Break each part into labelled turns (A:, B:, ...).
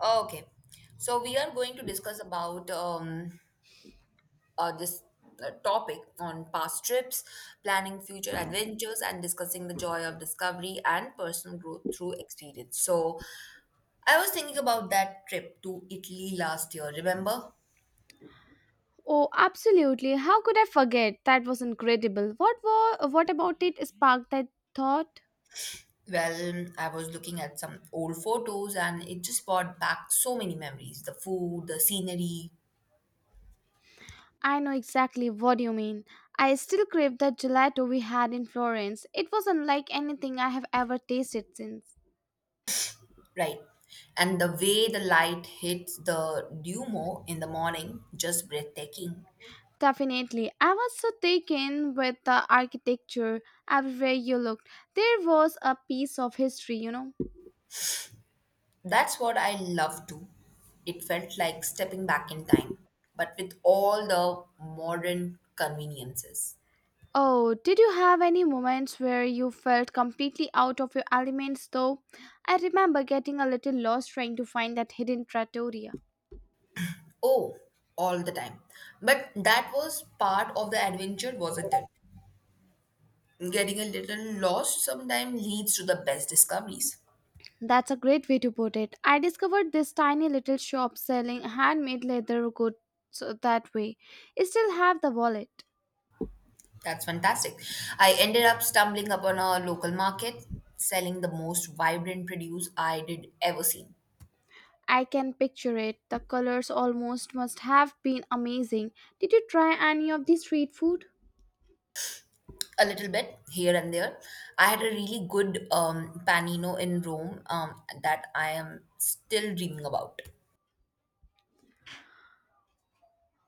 A: Okay, so we are going to discuss about this topic on past trips, planning future adventures, and discussing the joy of discovery and personal growth through experience. So, I was thinking about that trip to Italy last year, remember?
B: Oh, absolutely. How could I forget? That was incredible. What about it sparked that thought?
A: Well, I was looking at some old photos and it just brought back so many memories the food, the scenery,
B: I know exactly what you mean. I still crave that gelato we had in Florence. It was unlike anything I have ever tasted since.
A: right? And the way the light hits the Duomo in the morning, just breathtaking.
B: Definitely. I was so taken with the architecture everywhere you looked. There was a piece of history,
A: That's what I love too. It felt like stepping back in time, but with all the modern conveniences.
B: Oh, did you have any moments where you felt completely out of your elements though? I remember getting a little lost trying to find that hidden trattoria.
A: Oh, all the time. But that was part of the adventure, wasn't it? Getting a little lost sometimes leads to the best discoveries.
B: That's a great way to put it. I discovered this tiny little shop selling handmade leather goods, that way. I still have the wallet.
A: That's fantastic. I ended up stumbling upon a local market selling the most vibrant produce I did ever seen.
B: I can picture it. The colors almost must have been amazing. Did you try any of the street food?
A: A little bit here and there. I had a really good panino in Rome that I am still dreaming about.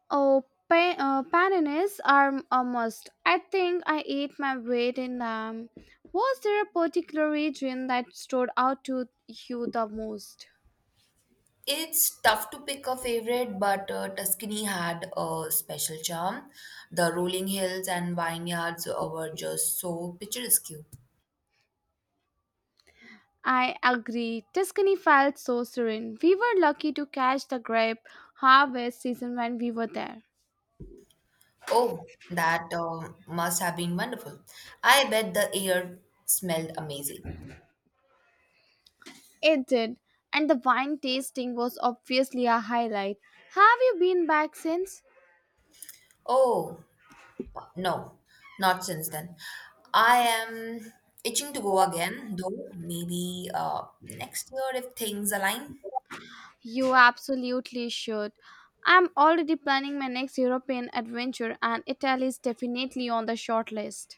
B: Oh, paninis are a must. I think I ate my weight in them. Was there a particular region that stood out to you the most?
A: It's tough to pick a favorite, but Tuscany had a special charm. The rolling hills and vineyards were just so picturesque.
B: I agree. Tuscany felt so serene. We were lucky to catch the grape harvest season when we were there.
A: Oh, that must have been wonderful. I bet the air smelled amazing.
B: It did, and the wine tasting was obviously a highlight. Have you been back since?
A: Oh, no, not since then. I am itching to go again, though, maybe next year if things align.
B: You absolutely should. I'm already planning my next European adventure, and Italy is definitely on the short list.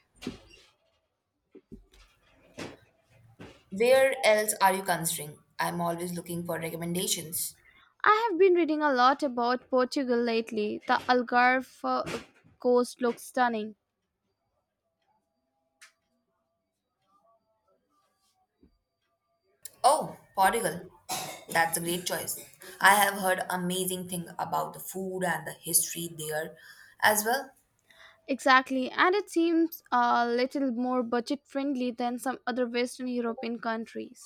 A: Where else are you considering? I'm always looking for recommendations.
B: I have been reading a lot about Portugal lately. The Algarve coast looks stunning.
A: Oh, Portugal. That's a great choice. I have heard amazing thing about the food and the history there as well.
B: Exactly, and it seems a little more budget friendly than some other Western European countries.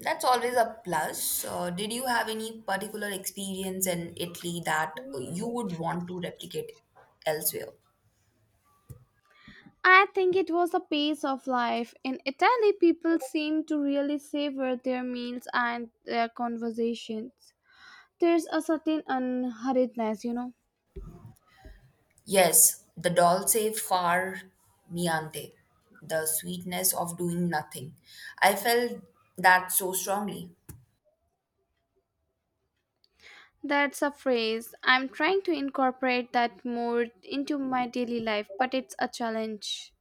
A: That's always a plus. Did you have any particular experience in Italy that you would want to replicate elsewhere?
B: I think it was the pace of life. In Italy, people seem to really savor their meals and their conversations. There's a certain unhurriedness,
A: Yes, the dolce far niente, the sweetness of doing nothing. I felt that so strongly.
B: That's a phrase. I'm trying to incorporate that more into my daily life, but it's a challenge.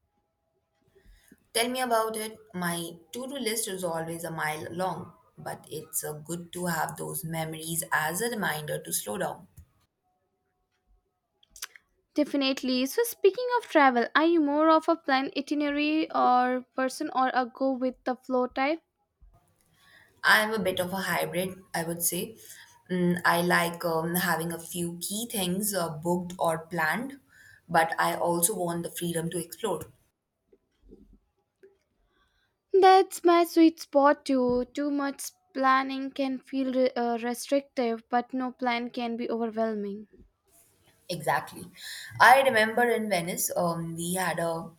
A: Tell me about it. My to do list is always a mile long, but it's good to have those memories as a reminder to slow down.
B: Definitely. So, speaking of travel, are you more of a planned itinerary or person or a go with the flow type?
A: I'm a bit of a hybrid, I would say. I like having a few key things booked or planned, but I also want the freedom to explore.
B: That's my sweet spot too. Too much planning can feel restrictive, but no plan can be overwhelming.
A: Exactly. I remember in Venice, we had a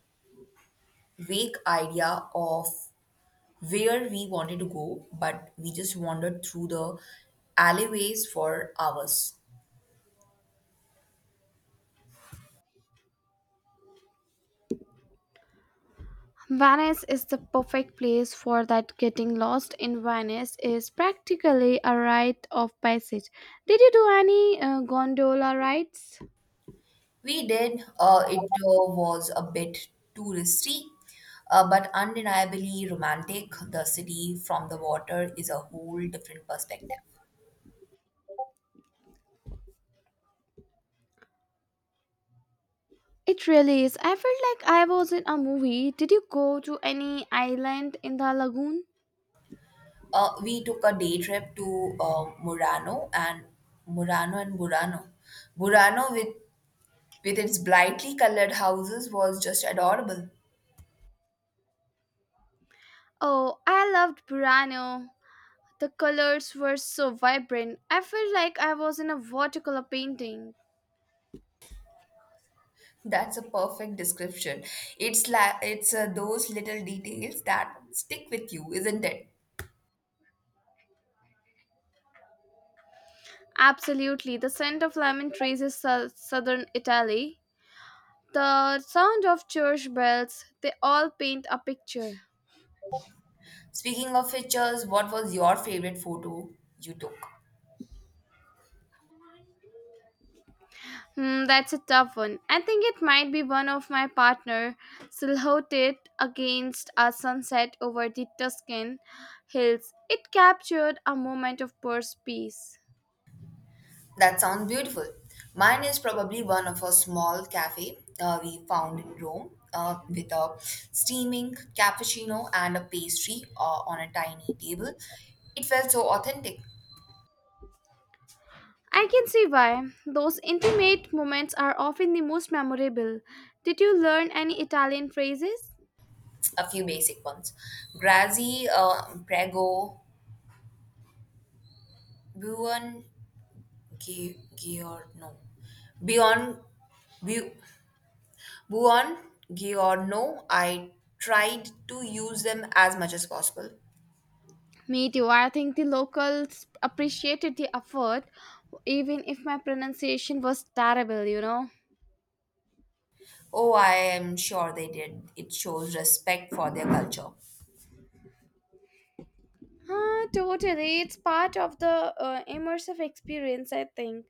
A: vague idea of where we wanted to go, but we just wandered through the alleyways for hours.
B: Venice is the perfect place for that. Getting lost in Venice is practically a rite of passage. Did you do any gondola rides?
A: We did. It was a bit touristy, but undeniably romantic. The city from the water is a whole different perspective.
B: It really is. I felt like I was in a movie. Did you go to any island in the lagoon?
A: We took a day trip to Murano and Burano. Which with its brightly colored houses was just adorable.
B: Oh, I loved Burano. The colors were so vibrant. I felt like I was in a watercolor painting.
A: That's a perfect description. It's those little details that stick with you, isn't it?
B: Absolutely. The scent of lemon trees is southern Italy. The sound of church bells, they all paint a picture.
A: Speaking of pictures, what was your favorite photo you took?
B: Hmm, that's a tough one. I think it might be one of my partner silhouetted against a sunset over the Tuscan hills. It captured a moment of pure peace.
A: That sounds beautiful. Mine is probably one of a small cafe we found in Rome with a steaming cappuccino and a pastry on a tiny table. It felt so authentic.
B: I can see why. Those intimate moments are often the most memorable. Did you learn any Italian phrases?
A: A few basic ones. Grazi, Prego, Buon, Giorno, Beyond, Bu- Buon Giorno. I tried to use them as much as possible.
B: Me too. I think the locals appreciated the effort, even if my pronunciation was terrible,
A: Oh, I am sure they did. It shows respect for their culture.
B: Ah, totally. It's part of the immersive experience, I think.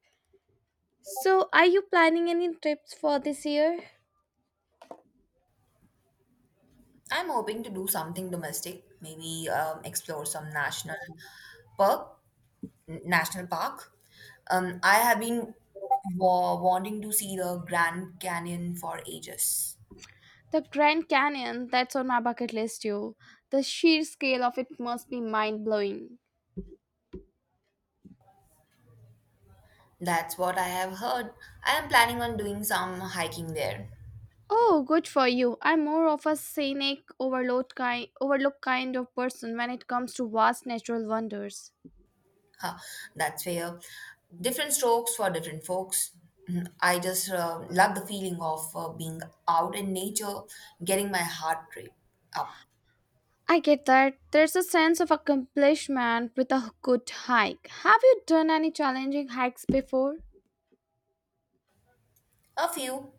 B: So, are you planning any trips for this year?
A: I'm hoping to do something domestic, maybe explore some national perk National Park. I have been wanting to see the Grand Canyon for ages.
B: The Grand Canyon, that's on my bucket list too. The sheer scale of it must be mind blowing.
A: That's what I have heard. I am planning on doing some hiking there.
B: Oh, good for you. I'm more of a overlook kind of person when it comes to vast natural wonders.
A: Huh, that's fair. Different strokes for different folks. Mhm. I just love the feeling of being out in nature, getting my heart rate up.
B: I get that. There's a sense of accomplishment with a good hike. Have you done any challenging hikes before?
A: A few.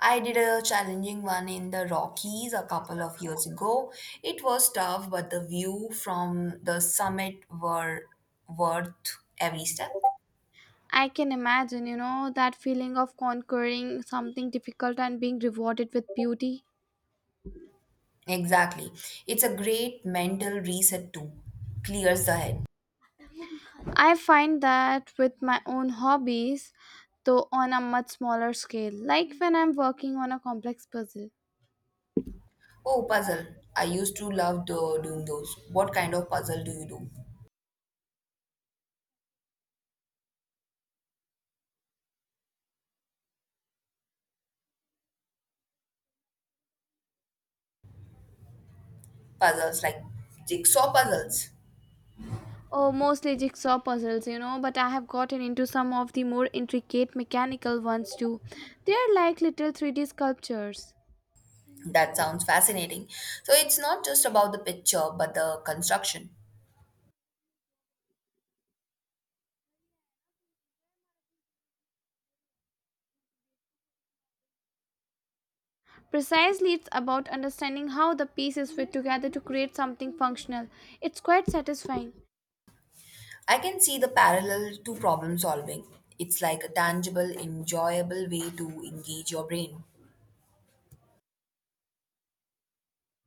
A: I did a challenging one in the Rockies a couple of years ago. It was tough, but the view from the summit were worth every step.
B: I can imagine, you know, that feeling of conquering something difficult and being rewarded with beauty.
A: Exactly. It's a great mental reset too. Clears the head.
B: I find that with my own hobbies, though on a much smaller scale, like when I'm working on a complex puzzle.
A: Oh, puzzle. I used to love doing those. What kind of puzzle do you do? Puzzles like jigsaw puzzles.
B: Oh, mostly jigsaw puzzles, you know, but I have gotten into some of the more intricate mechanical ones too. They are like little 3D sculptures.
A: That sounds fascinating. So it's not just about the picture, but the construction.
B: Precisely, it's about understanding how the pieces fit together to create something functional. It's quite satisfying.
A: I can see the parallel to problem solving. It's like a tangible, enjoyable way to engage your brain.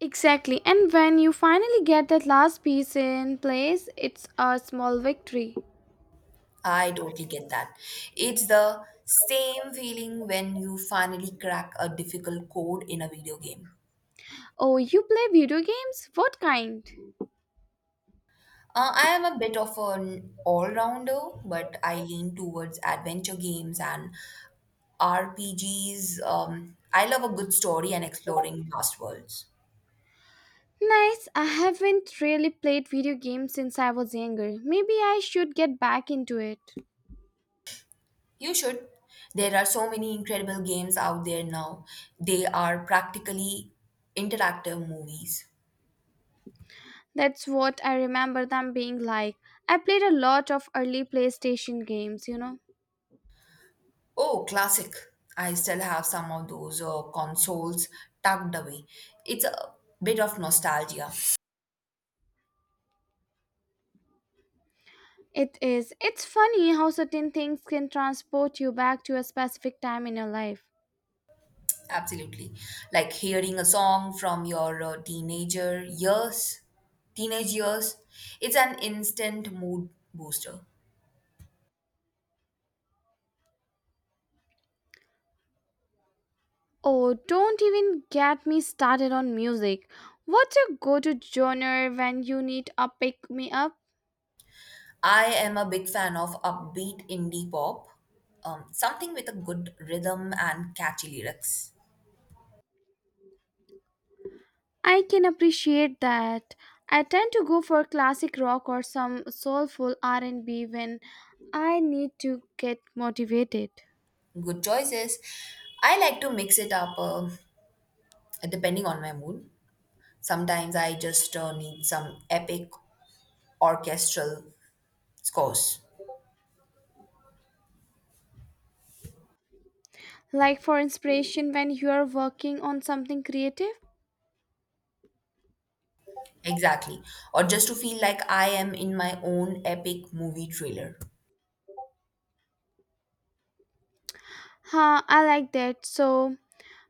B: Exactly, and when you finally get that last piece in place, it's a small victory.
A: I totally get that. It's the same feeling when you finally crack a difficult code in a video game.
B: Oh, you play video games? What kind?
A: I am a bit of an all rounder, but I lean towards adventure games and RPGs. I love a good story and exploring vast worlds.
B: Nice, I haven't really played video games since I was younger. Maybe I should get back into it.
A: You should. There are so many incredible games out there now. They are practically interactive movies.
B: That's what I remember them being like. I played a lot of early PlayStation games,
A: Oh, classic. I still have some of those consoles tucked away. It's a bit of nostalgia,
B: It is. It's funny how certain things can transport you back to a specific time in your life.
A: absolutely. Like hearing a song from your teenage years. It's an instant mood booster.
B: Oh, don't even get me started on music. What's your go to genre when you need a pick me up?
A: I am a big fan of upbeat indie pop, something with a good rhythm and catchy lyrics.
B: I can appreciate that. I tend to go for classic rock or some soulful R&B when I need to get motivated.
A: Good choices. I like to mix it up depending on my mood. Sometimes I just need some epic orchestral scores.
B: Like for inspiration when you are working on something creative.
A: Exactly. Or just to feel like I am in my own epic movie trailer.
B: Huh, I like that. So,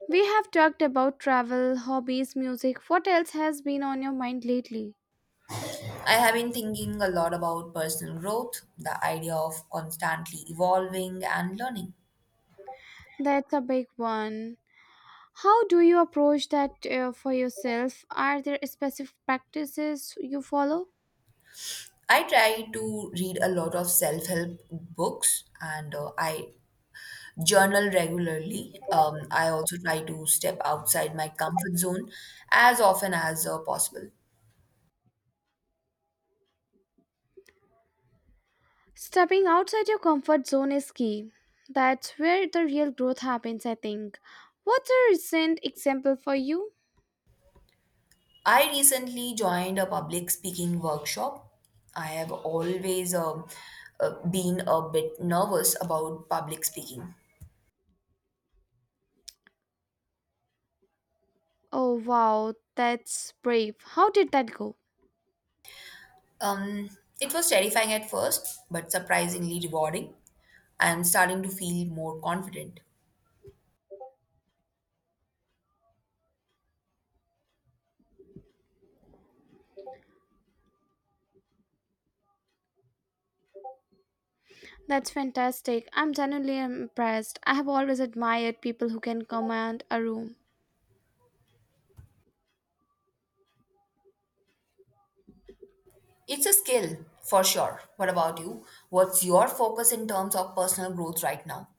B: we have talked about travel, hobbies, music. What else has been on your mind lately?
A: I have been thinking a lot about personal growth, the idea of constantly evolving and learning.
B: That's a big one. How do you approach that, for yourself? Are there specific practices you follow?
A: I try to read a lot of self help books and I journal regularly. I also try to step outside my comfort zone as often as possible.
B: Stepping outside your comfort zone is key. That's where the real growth happens, I think. What's a recent example for you?
A: I recently joined a public speaking workshop. I have always been a bit nervous about public speaking.
B: Oh, wow, that's brave. How did that go?
A: Um, it was terrifying at first, but surprisingly rewarding. I'm starting to feel more confident.
B: That's fantastic. I'm genuinely impressed. I have always admired people who can command a room.
A: It's a skill for sure. What about you? What's your focus in terms of personal growth right now?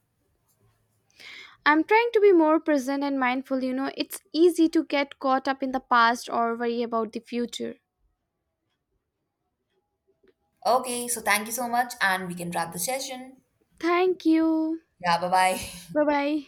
B: I'm trying to be more present and mindful. You know, it's easy to get caught up in the past or worry about the future.
A: Okay, so thank you so much, and we can wrap the session.
B: Thank you.
A: Yeah, bye bye.
B: Bye bye.